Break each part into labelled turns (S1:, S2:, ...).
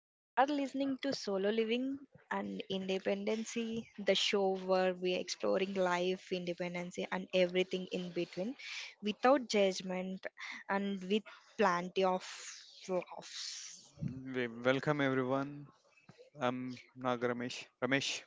S1: We are listening to Solo Living and Independency, the show where we are exploring life, independency, and everything in between without judgment and with plenty of laughs.
S2: We welcome everyone. I'm Naga Ramesh. Ramesh.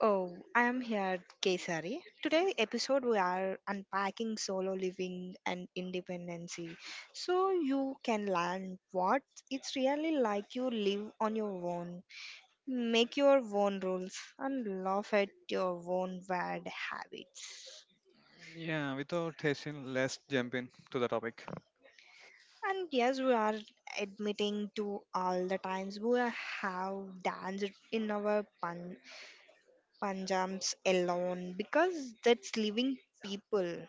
S1: Oh, I am here, Kesari. Today episode we are unpacking solo living and independency so you can learn what it's really like you live on your own. Make your own rules and laugh at your own bad habits.
S2: Yeah, without hasting, let's jump in to the topic.
S1: And yes, we are admitting to all the times we have danced in our panjams alone because that's living people.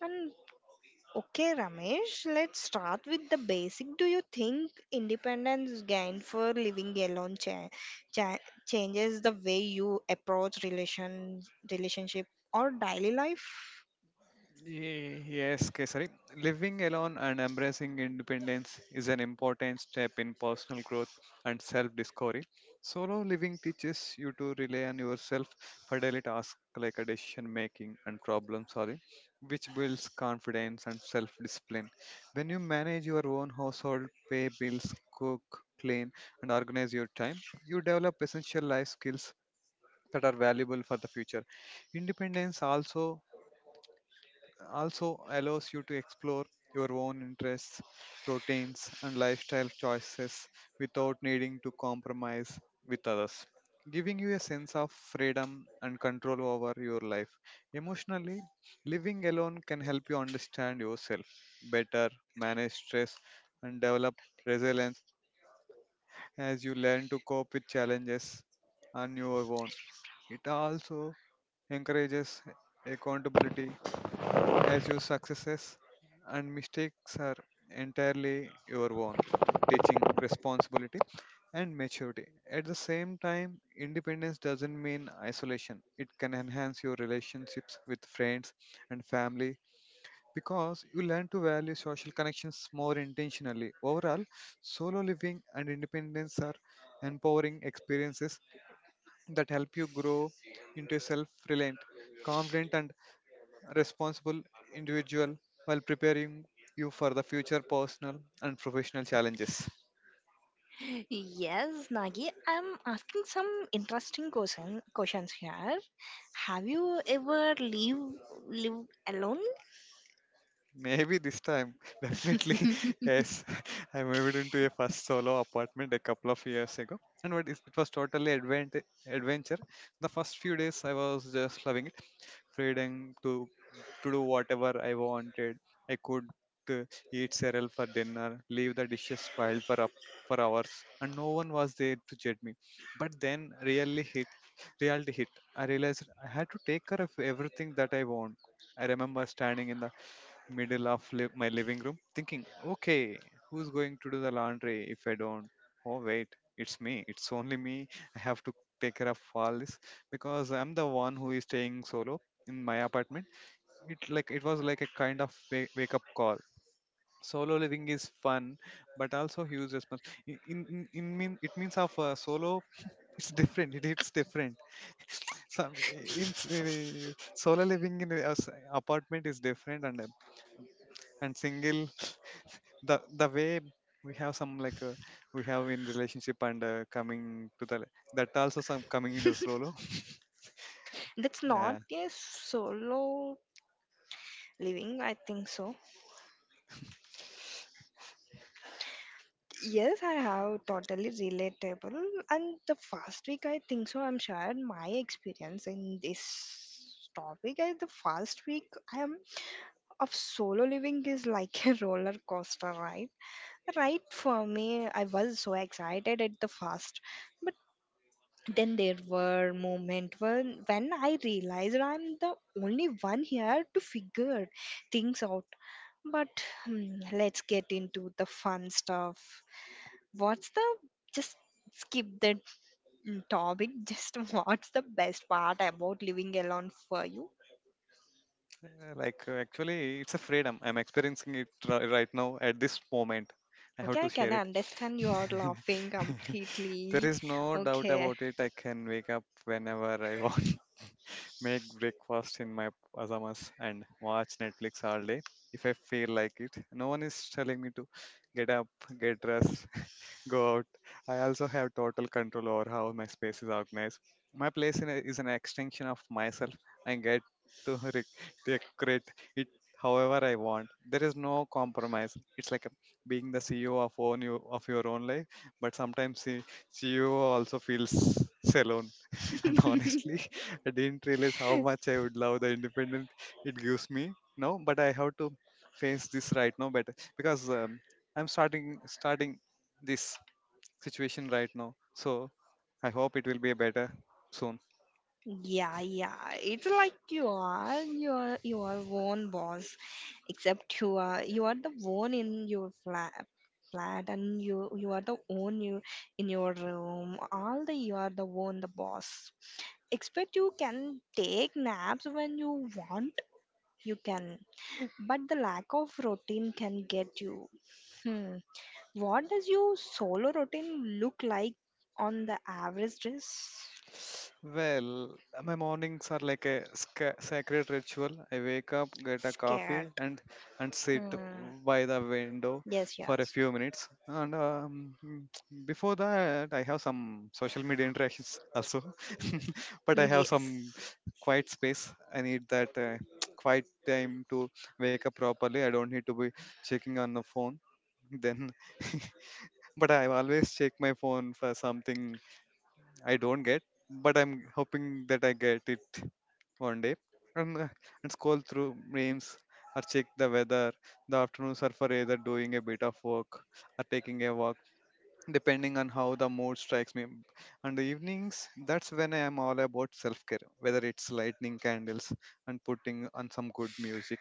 S1: And okay, Ramesh, let's start with the basic. Do you think independence gained for living alone cha- changes the way you approach relationship or daily life?
S2: Yes, Kesari. Living alone and embracing independence is an important step in personal growth and self discovery. Solo living teaches you to rely on yourself for daily tasks like a decision making and problem solving, which builds confidence and self discipline. When you manage your own household, pay bills, cook, clean, and organize your time, you develop essential life skills that are valuable for the future. Independence also allows you to explore your own interests, routines, and lifestyle choices without needing to compromise with others, giving you a sense of freedom and control over your life. Emotionally, living alone can help you understand yourself better, manage stress, and develop resilience as you learn to cope with challenges on your own. It also encourages accountability as your successes and mistakes are entirely your own, teaching responsibility and maturity. At the same time, independence doesn't mean isolation, it can enhance your relationships with friends and family because you learn to value social connections more intentionally. Overall, solo living and independence are empowering experiences that help you grow into a self reliant, confident, and responsible individual while preparing you for the future personal and professional challenges.
S1: Yes, Nagi, I'm asking some interesting questions here. Have you ever lived alone?
S2: Maybe this time, definitely, yes. I moved into a first solo apartment a couple of years ago, and it was totally adventure. The first few days, I was just loving it, freedom to do whatever I wanted. I could uh, eat cereal for dinner, leave the dishes piled for up for hours, and no one was there to judge me. But then, really hit reality hit, I realized I had to take care of everything that I want. I remember standing in the middle of my living room thinking, okay, who's going to do the laundry if I don't? Oh, wait, it's me. It's only me. I have to take care of all this because I'm the one who is staying solo in my apartment. It was like a kind of wake up call. Solo living is fun, but also huge response. In mean it means of solo. It's different. It's different some in solo living in a apartment is different and single the way we have some like we have in relationship and coming to the that also some coming into the solo,
S1: That's not
S2: yeah.
S1: a solo living, I think so. Yes, I have totally relatable. And the first week, I think so, I'm shared my experience in this topic. The first week, I am of solo living is like a roller coaster ride. Right for me, I was so excited at the first, but then there were moments when I realized I'm the only one here to figure things out. But let's get into the fun stuff. What's the just skip the topic? Just what's the best part about living alone for you?
S2: Actually, it's a freedom I'm experiencing right now at this moment. I have
S1: Okay,
S2: to
S1: I can
S2: share it.
S1: understand you are laughing
S2: There
S1: completely.
S2: is no doubt
S1: Okay.
S2: about it. I can wake up whenever I want, make breakfast in my pajamas and watch Netflix all day if I feel like it. No one is telling me to get up, get dressed, go out. I also have total control over how my space is organized. My place in is an extension of myself. I get to decorate it however I want. There is no compromise. It's like a, being the CEO of own you, of your own life, but sometimes the CEO also feels alone. And honestly, I didn't realize how much I would love the independent it gives me now. But I have to face this right now better because I'm starting this situation right now. So I hope it will be better soon.
S1: Yeah, yeah. It's like you are your own boss, except you are the one in your flat and you are the one you in your room all the you are the one the boss, expect you can take naps when you want. You can, but the lack of routine can get you hmm. What does your solo routine look like on the average dress?
S2: Well, my mornings are like a sacred ritual. I wake up, get a
S1: Scared.
S2: coffee, and sit
S1: hmm.
S2: by the window
S1: Yes,
S2: for a
S1: yes,
S2: few minutes. Before that, I have some social media interactions also, but I have some
S1: yes.
S2: quiet space. I need that quiet time to wake up properly. I don't need to be checking on the phone. Then, but I always check my phone for something I don't get, but I'm hoping that I get it one day. And, uh, and scroll through memes or check the weather. The afternoons are for either doing a bit of work or taking a walk, depending on how the mood strikes me. And the evenings, that's when I am all about self care, whether it's lighting candles and putting on some good music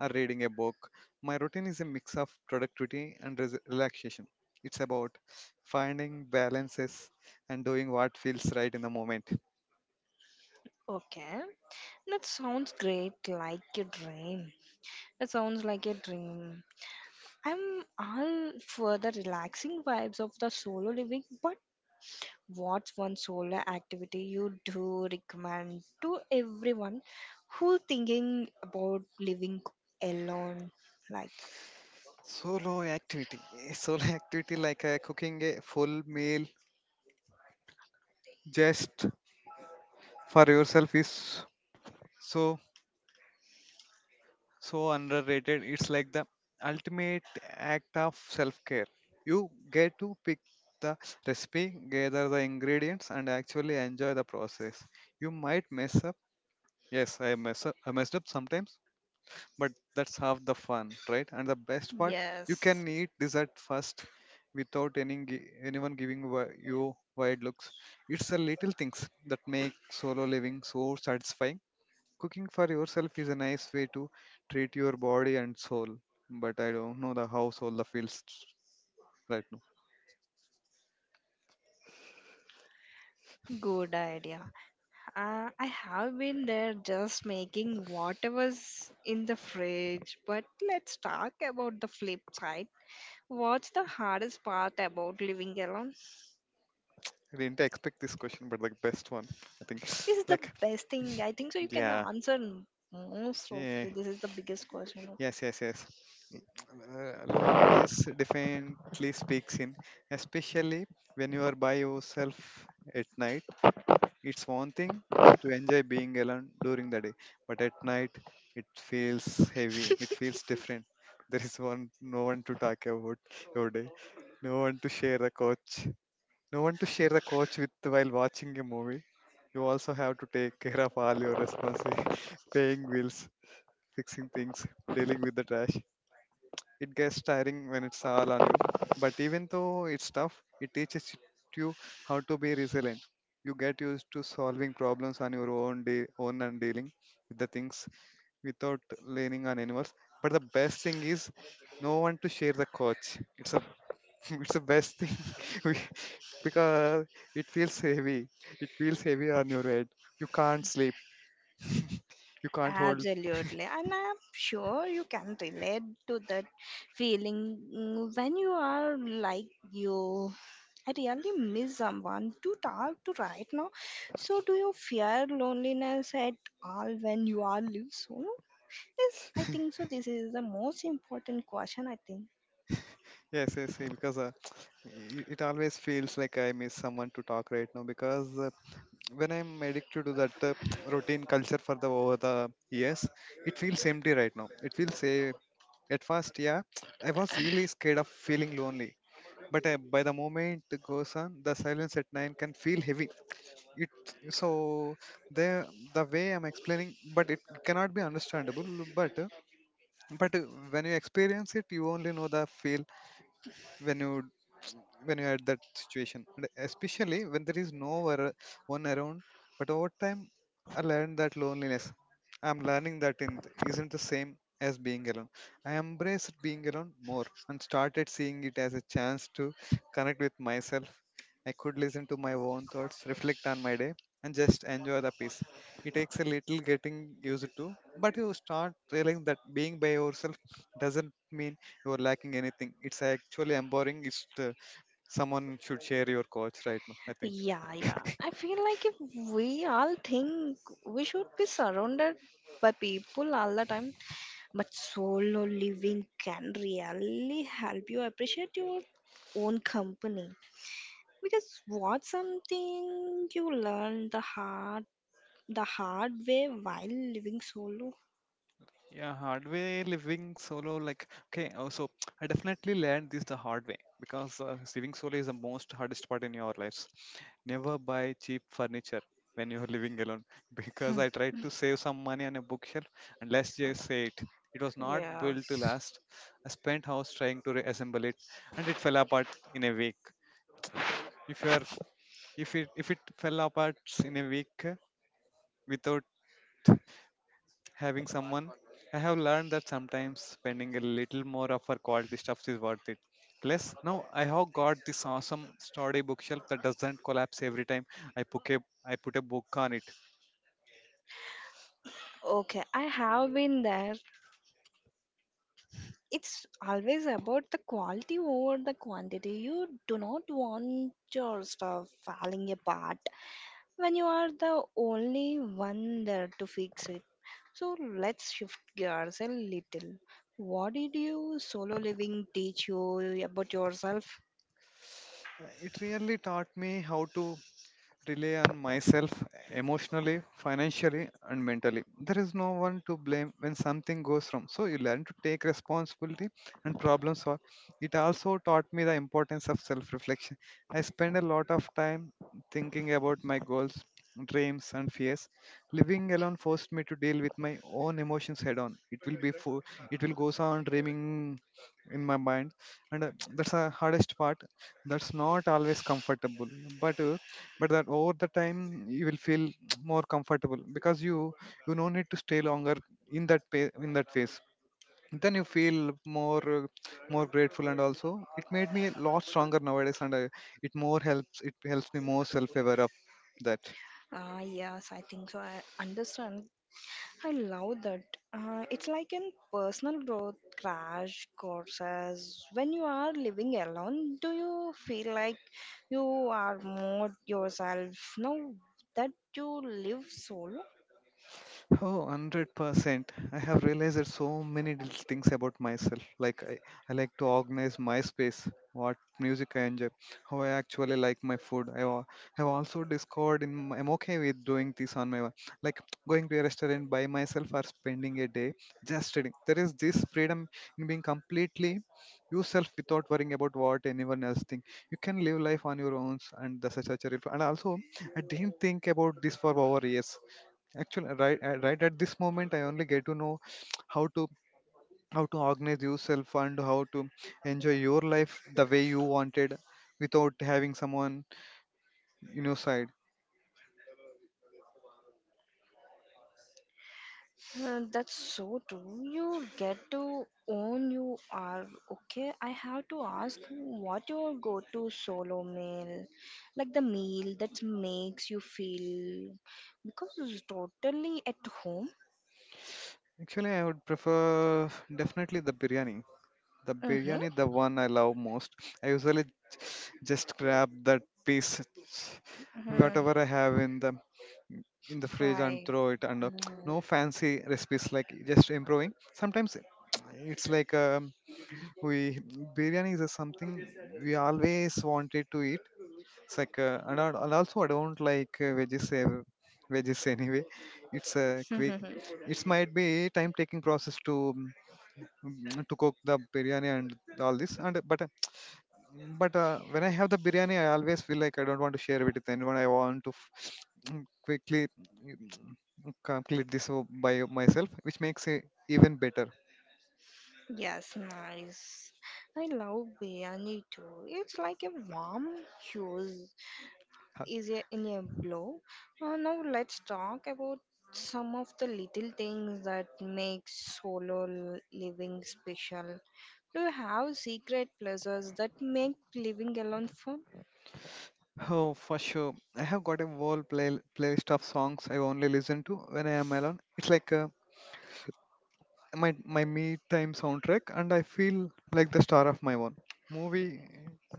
S2: or reading a book. My routine is a mix of productivity and relaxation. It's about finding balances and doing what feels right in the moment.
S1: Okay, that sounds great, like a dream. It sounds like a dream. I'm all for the relaxing vibes of the solo living, but what's one solo activity you do recommend to everyone who thinking about living alone? Like,
S2: Solo activity, solo activity cooking a full meal just for yourself is so so underrated. It's like the ultimate act of self-care. You get to pick the recipe, gather the ingredients, and actually enjoy the process. You might mess up. Yes, I messed up sometimes, but that's half the fun, right? And the best part, you can
S1: yes,
S2: eat this at first without anyone you wide looks. It's the little things that make solo living so satisfying. Cooking for yourself is a nice way to treat your body and soul, but I don't know the how soul feels right now.
S1: good idea. I have been there just making whatever's in the fridge, but let's talk about the flip side. What's the hardest part about living alone?
S2: I didn't expect this question, but the best one, I think.
S1: This is the
S2: Like,
S1: best thing. I think so. You can
S2: yeah,
S1: answer most of
S2: yeah,
S1: it. This is the biggest question.
S2: yes, yes, yes. Loneliness definitely speaks in, especially when you are by yourself at night. It's one thing to enjoy being alone during the day, but at night it feels heavy. It feels different. There is one no one to talk about your day, no one to share the couch, no one to share the couch with while watching a movie. You also have to take care of all your responsibilities, paying bills, fixing things, dealing with the trash. It gets tiring when it's all on you, but even though it's tough, it teaches you how to be resilient. You get used to solving problems on your own day, own and dealing with the things without leaning on anyone else. But the best thing is no one to share the coach. It's a it's the best thing. we- because it feels heavy. It feels heavy on your head. You can't sleep. You can't hold.
S1: Absolutely, and I'm sure you can relate to that feeling when you are like you. I really miss someone to talk to right now. So, do you fear loneliness at all when you are live solo? Yes, I think so. This is the most important question. I think.
S2: Yes, yes, yes, because it always feels like I miss someone to talk right now because when I'm addicted to that routine culture for the over the years, it feels empty right now. It feels say at first, yeah, I was really scared of feeling lonely. But by the moment it goes on, the silence at nine can feel heavy. It so the the way I'm explaining, but it cannot be understandable. But uh, but When you experience it, you only know the feel when you when you are at that situation and especially when there is no one one around. But over time, i learned that loneliness I'm learning that in isn't the same as being alone. I embraced being alone more and started seeing it as a chance to connect with myself. I could listen to my own thoughts, reflect on my day, and just enjoy the peace. It takes a little getting used to, but you start realizing that being by yourself doesn't mean you are lacking anything. It's actually empowering. It's someone should share your coach right now, I think.
S1: Yeah, yeah. I feel like if we all think we should be surrounded by people all the time, but solo living can really help you appreciate your own company. Because what's something you learn the hard way while living solo?
S2: Yeah, hard way living solo, like okay, I definitely learned this the hard way because living solo is the most hardest part in your lives. Never buy cheap furniture when you're living alone because I tried to save some money on a bookshelf, and let's just say it, it was not built to
S1: Yes.
S2: last. I spent hours trying to reassemble it, and it fell apart in a week. If you are, if it fell apart in a week without having someone. I have learned that sometimes spending a little more of our quality stuff is worth it. Plus, now I have got this awesome sturdy bookshelf that doesn't collapse every time I put a I put a book on it.
S1: Okay, I have been there. It's always about the quality over the quantity. You do not want your stuff falling apart when you are the only one there to fix it. So let's shift gears a little. What did you solo living teach you about yourself?
S2: It really taught me how to rely on myself emotionally, financially, and mentally. There is no one to blame when something goes wrong, so you learn to take responsibility and problem solve. It also taught me the importance of self reflection. I spend a lot of time thinking about my goals, dreams, and fears. Living alone forced me to deal with my own emotions head on. It will goes on dreaming in my mind, and that's the hardest part. That's not always comfortable, but uh, but that over the time you will feel more comfortable because you no need to stay longer in that in that phase. Then you feel more more grateful, and also it made me a lot stronger nowadays, and it helps me more self aware of that.
S1: Ah, yes, I think so. I understand. I love that. It's like in personal growth crash courses. When you are living alone, do you feel like you are more yourself now that you live solo?
S2: Oh, 100%. I have realized so many little things about myself. I like to organize my space, what music I enjoy, how I actually like my food. Have also discovered I'm okay with doing this on my own. Like, going to a restaurant by myself or spending a day just reading. There is this freedom in being completely yourself without worrying about what anyone else think. You can live life on your own, and that's such a relief. And also, I didn't think about this for over years actually right right at this moment I only get to know how to how to organize yourself and how to enjoy your life the way you wanted without having someone in your side.
S1: That's so true. You get to own you are okay. I have to ask what your go to solo meal, like the meal that makes you feel because it's totally at home.
S2: Actually, I would prefer definitely the biryani.
S1: Mm-hmm.
S2: The one I love most. I usually just grab that piece,
S1: Mm,
S2: whatever I have in the fridge and
S1: fry.
S2: throw it. And
S1: Mm.
S2: no fancy recipes, like just improving sometimes. It's like a we biryani is something we always wanted to eat. It's like and also I don't like veggies, veggies anyway. It's a quick. It might be time taking process to, to cook the biryani and all this. And but uh, but uh, when I have the biryani, I always feel like I don't want to share it with anyone. I want to quickly complete this by myself, which makes it even better.
S1: Yes, nice. I love biryani too. It's like a warm hues is in a blow. Now let's talk about some of the little things that make solo living special. Do you have secret pleasures that make living alone fun?
S2: Oh, for sure. I have got a whole playlist of songs I only listen to when I am alone. It's like my me time soundtrack, and I feel like the star of my own movie.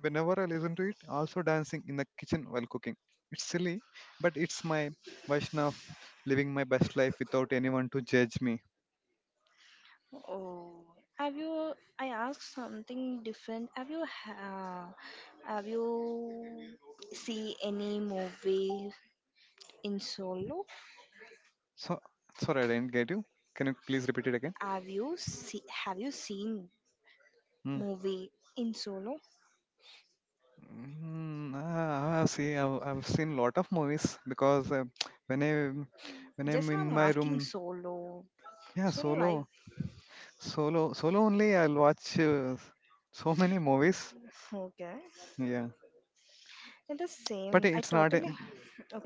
S2: Whenever I listen to it, also dancing in the kitchen while cooking. It's silly, but it's my version of living my best life without anyone to judge me.
S1: Oh, have you? I asked something different. Have you? Uh, have you see any movie in solo?
S2: So sorry, I didn't get you. Can you please repeat it again?
S1: Have you seen
S2: Hmm.
S1: movie in solo?
S2: See, I've seen lot of movies because when I when I'm
S1: Just
S2: in
S1: I'm
S2: my
S1: asking
S2: room,
S1: solo.
S2: yeah,
S1: Solo life.
S2: solo, solo only. I'll watch so many movies.
S1: Okay.
S2: Yeah,
S1: And the
S2: but
S1: same. I
S2: it's not.
S1: totally.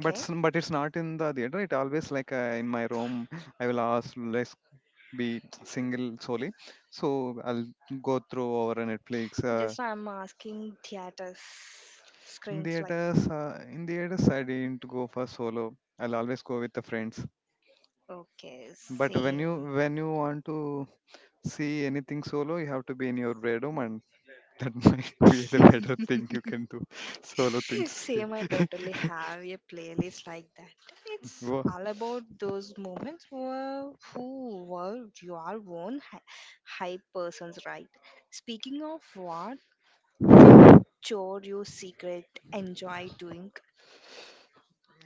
S2: But it's not in the theater. It always like in my room. I will always be single solely. So I'll go through over Netflix.
S1: Just I'm asking theaters
S2: In
S1: screens like.
S2: theaters, uh, in theaters, I didn't go for solo. I'll always go with the friends.
S1: Okay.
S2: But when you
S1: Same.
S2: when you want to see anything solo, you have to be in your bedroom, and that might be the better thing you can do. Solo things here.
S1: Same, I totally have a playlist like that. It's
S2: Wo-
S1: all about those moments where who were your own hype persons, right? Speaking of what, that's a chore you secret enjoy doing.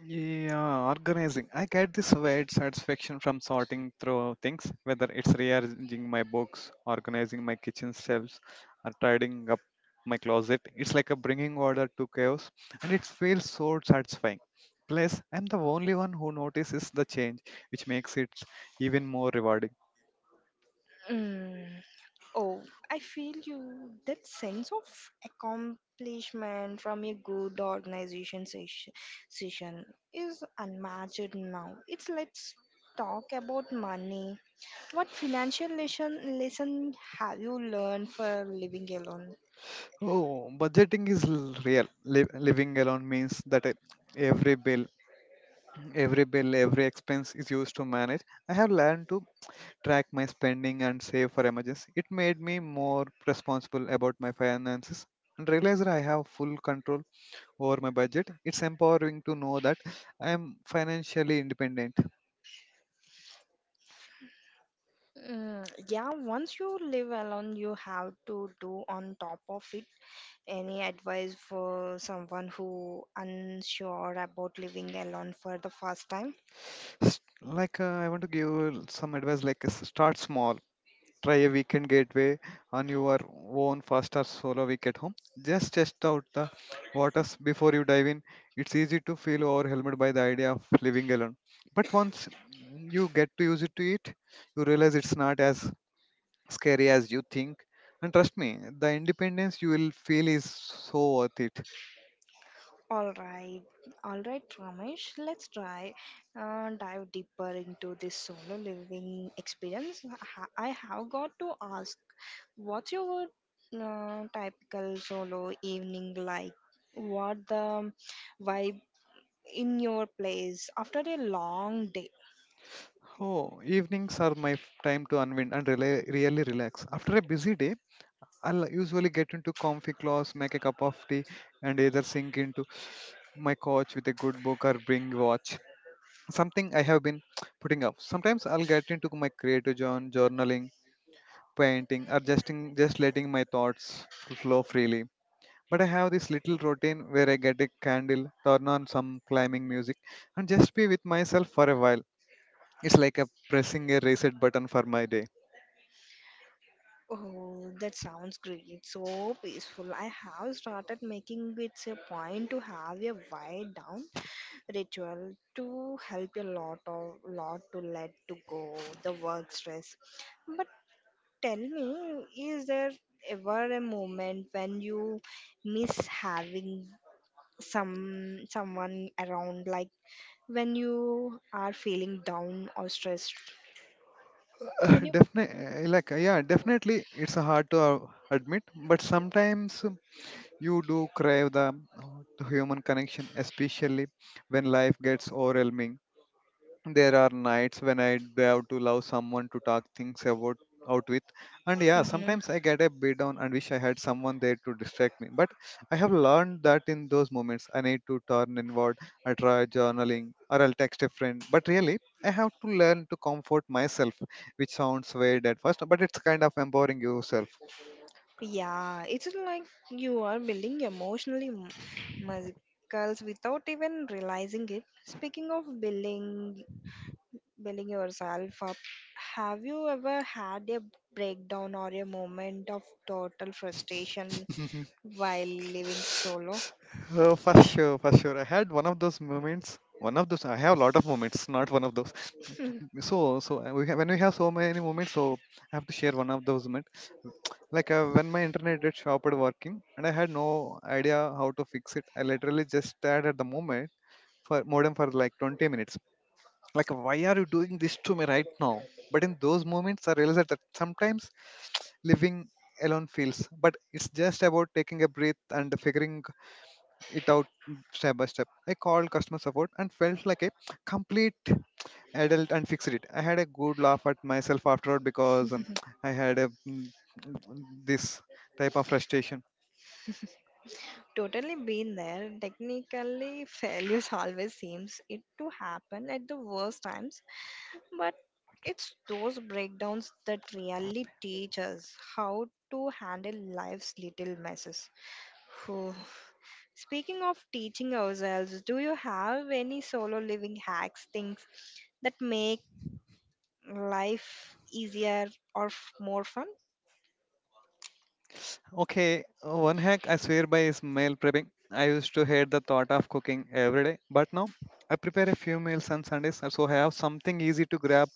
S2: Yeah, organizing. I get this weird satisfaction from sorting through things, whether it's rearranging my books, organizing my kitchen shelves, or tidying up my closet. It's like a bringing order to chaos, and it feels so satisfying. Plus, I'm the only one who notices the change, which makes it even more rewarding.
S1: Mm. Oh, I feel you that sense of accomplishment from a good organization session is unmatched now. It's let's talk about money. What financial lesson have you learned for living alone?
S2: Oh, budgeting is real. Living alone means that every bill, every bill, every expense is used to manage. I have learned to track my spending and save for emergency. It made me more responsible about my finances and realized that I have full control over my budget. It's empowering to know that I am financially independent.
S1: Yeah, once you live alone, you have to do on top of it. Any advice for someone who unsure about living alone for the first time?
S2: Like I want to give some advice, like start small. Try a weekend gateway on your own fast or solo week at home. Just test out the waters before you dive in. It's easy to feel overwhelmed by the idea of living alone. But once you get to use it to it, you realize it's not as scary as you think. And trust me, the independence you will feel is so worth it.
S1: All right, all right, Ramesh. Let's try dive deeper into this solo living experience. I have got to ask, what's your typical solo evening like? What the vibe in your place after a long day?
S2: Oh, evenings are my time to unwind and really relax. After a busy day, I'll usually get into comfy clothes, make a cup of tea, and either sink into my couch with a good book or bring watch. Something I have been putting up. Sometimes I'll get into my creative journaling, painting, or just letting my thoughts flow freely. But I have this little routine where I get a candle, turn on some climbing music, and just be with myself for a while. It's like a pressing a reset button for my day.
S1: Oh, that sounds great. So peaceful. I have started making it a point to have a wind down ritual to help a lot of lot to let to go the work stress, but tell me, is there ever a moment when you miss having some someone around, like when you are feeling down or stressed? Can you
S2: Definitely, like, yeah, definitely, it's hard to admit, but sometimes you do crave the human connection, especially when life gets overwhelming. There are nights when have to love someone to talk things about out with. And yeah,
S1: hmm
S2: sometimes I get a bit down and wish I had someone there to distract me, but I have learned that in those moments I need to turn inward. I try journaling or I'll text a friend, but really I have to learn to comfort myself, which sounds weird at first, but it's kind of empowering yourself.
S1: yeah, it's like you are building emotionally muscles without even realizing it. Speaking of building yourself up. Have you ever had a breakdown or a moment of total frustration while living solo?
S2: Oh, for sure. I had one of those moments. One of those I have a lot of moments, not one of those. So we have, when we have so many moments, so I have to share one of those moments. Like when my internet did stopped working and I had no idea how to fix it, I literally just stared at the moment for modem for like 20 minutes, like, why are you doing this to me right now? But in those moments I realized that sometimes living alone feels, but it's just about taking a breath and figuring it out step by step. I called customer support and felt like a complete adult and fixed it. I had a good laugh at myself afterward because I had a this type of frustration.
S1: Totally been there. Technically, failures always seems it to happen at the worst times, but it's those breakdowns that really teach us how to handle life's little messes. Whew. Speaking of teaching ourselves, do you have any solo living hacks, things that make life easier or more fun?
S2: Okay, one hack I swear by is meal prepping. I used to hate the thought of cooking every day, but now I prepare a few meals on Sundays so I have something easy to grab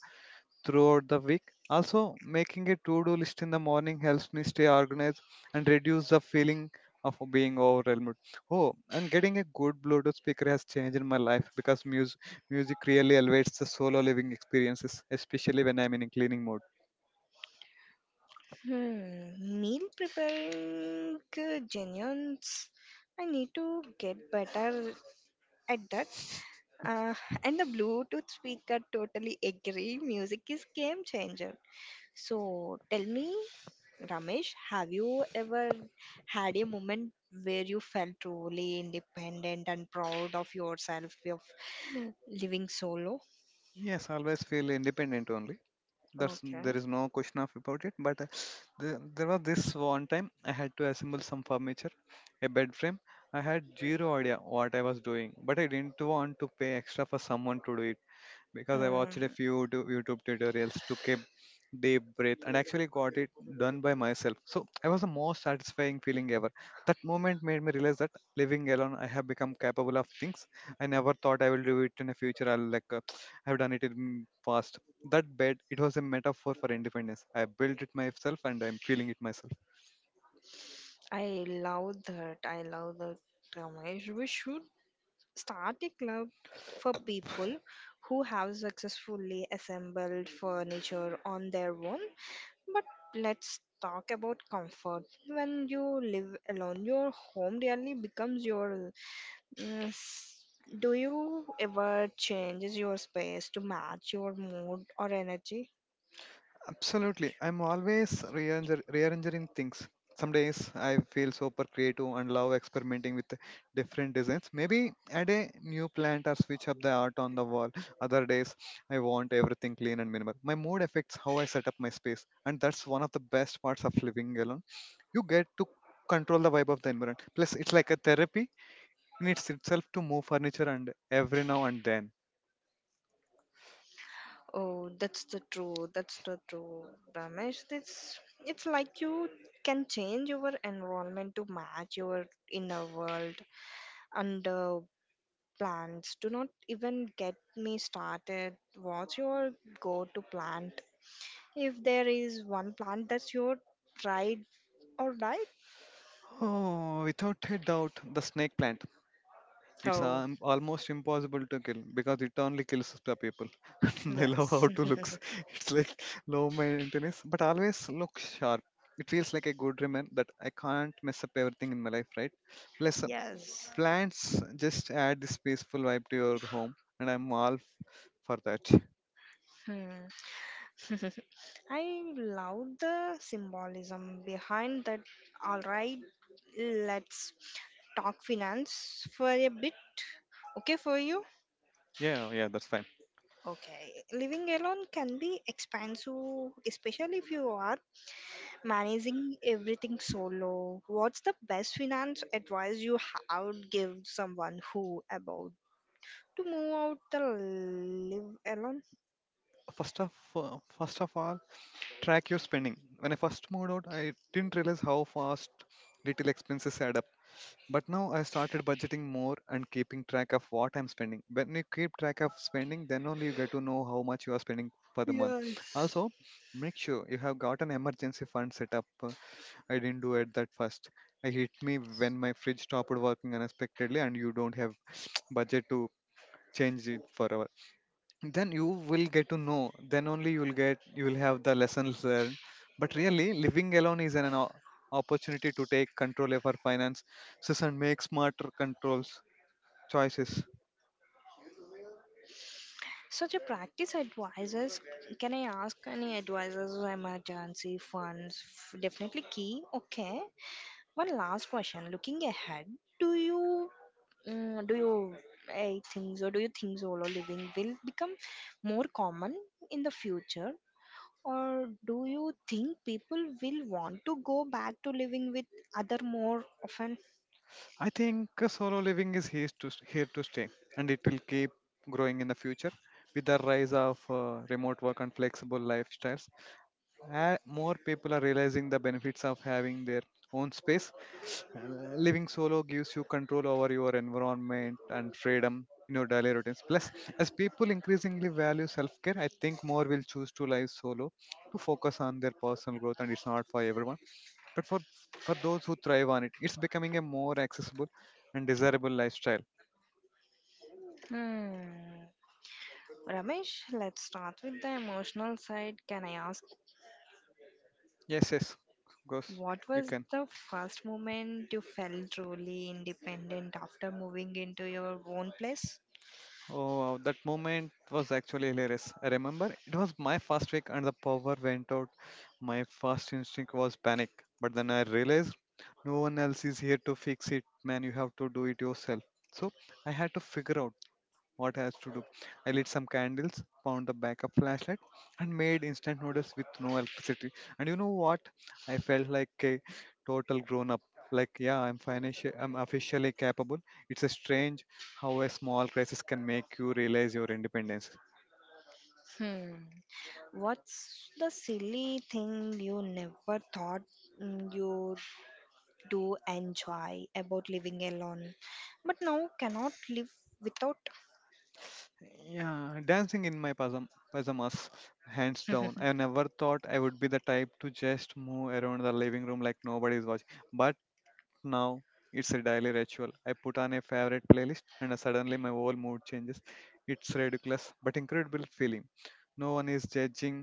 S2: throughout the week. Also, making a to do list in the morning helps me stay organized and reduce the feeling of being overwhelmed. Oh, and getting a good Bluetooth speaker has changed in my life because music really elevates the solo living experiences, especially when I'm in a cleaning mode.
S1: Hmm, meal preparing genuines. I need to get better at that. Uh, and the Bluetooth speaker totally agree. Music is game changer. So tell me, Ramesh, have you ever had a moment where you felt truly independent and proud of yourself of living solo?
S2: Yes, always feel independent only. There's
S1: Okay.
S2: there is no question of about it. But there was this one time I had to assemble some furniture, a bed frame. I had zero idea what I was doing, but I didn't want to pay extra for someone to do it because I watched a
S1: Mm,
S2: few YouTube tutorials, took a deep breath, and actually got it done by myself. So I was the most satisfying feeling ever. That moment made me realize that living alone, I have become capable of things I never thought I will do it in the future. I'll like I've done it in past. That bed, it was a metaphor for independence. I built it myself, and I'm feeling it myself.
S1: I love that. I love that, Ramesh. We should start a club for people who have successfully assembled furniture on their own. But let's talk about comfort. When you live alone, your home really becomes your. mm, s- do you ever change your space to match your mood or energy?
S2: Absolutely. I'm always rearranging things. Some days I feel super creative and love experimenting with different designs. Maybe add a new plant or switch up the art on the wall. Other days I want everything clean and minimal. My mood affects how I set up my space, and that's one of the best parts of living alone. You get to control the vibe of the environment. Plus, it's like a therapy in its itself to move furniture and every now and then.
S1: Oh, that's the true. That's the true, Ramesh. It's like you can change your environment to match your inner world, and plants. Do not even get me started. What's your go-to plant? If there is one plant that's your ride or die.
S2: Oh, without a doubt, the snake plant. It's
S1: Oh,
S2: almost impossible to kill because it only kills the people. I love how
S1: yes,
S2: it looks. It's like low maintenance, but always looks sharp. It feels like a good remnant that I can't mess up everything in my life, right? Plus,
S1: yes.
S2: plants just add this peaceful vibe to your home, and I'm all for that.
S1: Hmm. I love the symbolism behind that. All right, let's talk finance for a bit. Okay, for you?
S2: Yeah, yeah, that's fine.
S1: Okay, living alone can be expensive, especially if you are managing everything solo. What's the best finance advice you have would give someone who about to move out the live alone?
S2: First of First of all, track your spending. When I first moved out, I didn't realize how fast little expenses add up. But now I started budgeting more and keeping track of what I'm spending. When you keep track of spending, then only you get to know how much you are spending for the month.
S1: Yes.
S2: Also, make sure you have got an emergency fund set up. I didn't do it that first. It hit me when my fridge stopped working unexpectedly and you don't have budget to change it forever. Then only you will get, you will have the lessons learned. But really living alone is an, opportunity to take control of our finances and make smarter controls choices.
S1: Such a practice advisors, can I ask any advisors or emergency funds? Definitely key. Okay. One last question. Looking ahead, do you do you I think so? Do you think solo living will become more common in the future, or do you think people will want to go back to living with other more often?
S2: I think solo living is here to stay, and it will keep growing in the future. With the rise of remote work and flexible lifestyles, more people are realizing the benefits of having their own space. Living solo gives you control over your environment and freedom in your daily routines. Plus, as people increasingly value self care, I think more will choose to live solo to focus on their personal growth, and it's not for everyone. But for those who thrive on it, it's becoming a more accessible and desirable lifestyle.
S1: Hmm. Ramesh, let's start with the emotional side. Can I ask,
S2: Yes, yes, goes.
S1: what
S2: You
S1: was
S2: can.
S1: the first moment you felt truly independent after moving into your own place?
S2: Oh, wow, that moment was actually hilarious. I remember it was my first week and the power went out. My first instinct was panic, but then I realized no one else is here to fix it, man. You have to do it yourself. So I had to figure out what I has to do. I lit some candles, found the backup flashlight, and made instant noodles with no electricity. And you know what? I felt like a total grown up. Like yeah, I'm financial. I'm officially capable. It's a strange how a small crisis can make you realize your independence.
S1: Hmm. What's the silly thing you never thought you do enjoy about living alone, but now cannot live without?
S2: Yeah, dancing in my pajamas, hands down. I never thought I would be the type to just move around the living room like nobody's watching. But now it's a daily ritual. I put on a favorite playlist and suddenly my whole mood changes. It's ridiculous but incredible feeling. No one is judging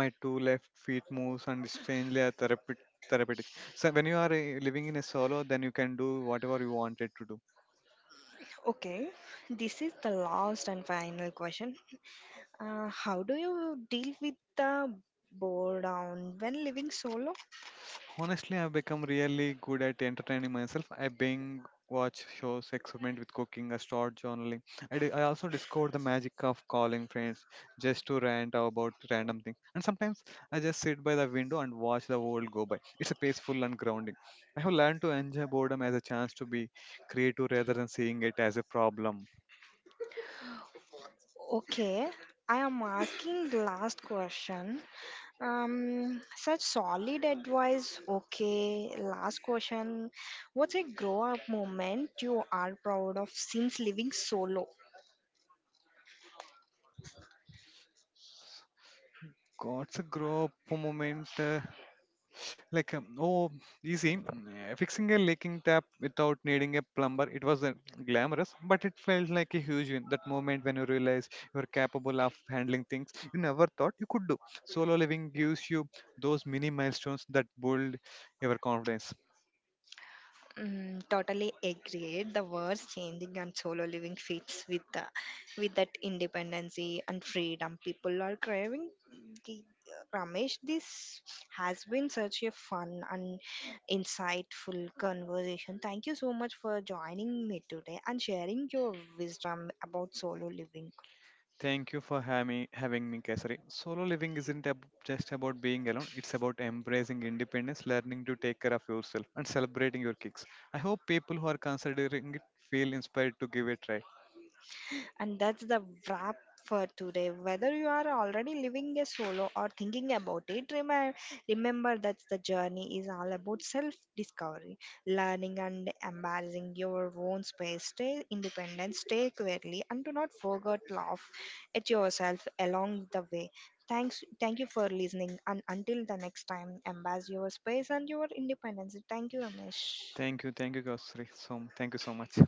S2: my two left feet moves and strangely are therapeutic. So when you are living in a solo, then you can do whatever you wanted to do.
S1: Okay, this is the last and final question. How do you deal with the boredom when living solo?
S2: Honestly, I've become really good at entertaining myself. I binge watch shows, experiment with cooking, I start journaling. I also discovered the magic of calling friends just to rant about random things. And sometimes I just sit by the window and watch the world go by. It's a peaceful and grounding. I have learned to enjoy boredom as a chance to be creative rather than seeing it as a problem.
S1: Okay, I am asking the last question. Such solid advice. Okay, last question. What's a grow up moment you are proud of since living solo?
S2: God's a grow up moment. Like um, oh Fixing a leaking tap without needing a plumber, it was glamorous, but it felt like a huge win. That moment when you realize you're capable of handling things you never thought you could do. Solo living gives you those mini milestones that build your confidence.
S1: Mm, totally agreed. The words changing and solo living fits with the, with that independency and freedom people are craving. The- Ramesh, this has been such a fun and insightful conversation. Thank you so much for joining me today and sharing your wisdom about solo living.
S2: Thank you for having me, Kesari. Solo living isn't just about being alone, it's about embracing independence, learning to take care of yourself, and celebrating your kicks. I hope people who are considering it feel inspired to give it a try.
S1: And that's the wrap for today. Whether you are already living a solo or thinking about it, remember, that the journey is all about self discovery, learning, and embracing your own space. Stay independent, stay clearly, and do not forget laugh at yourself along the way. Thanks, thank you for listening, and until the next time, embrace your space and your independence. Thank you, Amish.
S2: Thank you, Kaustri. So thank you so much.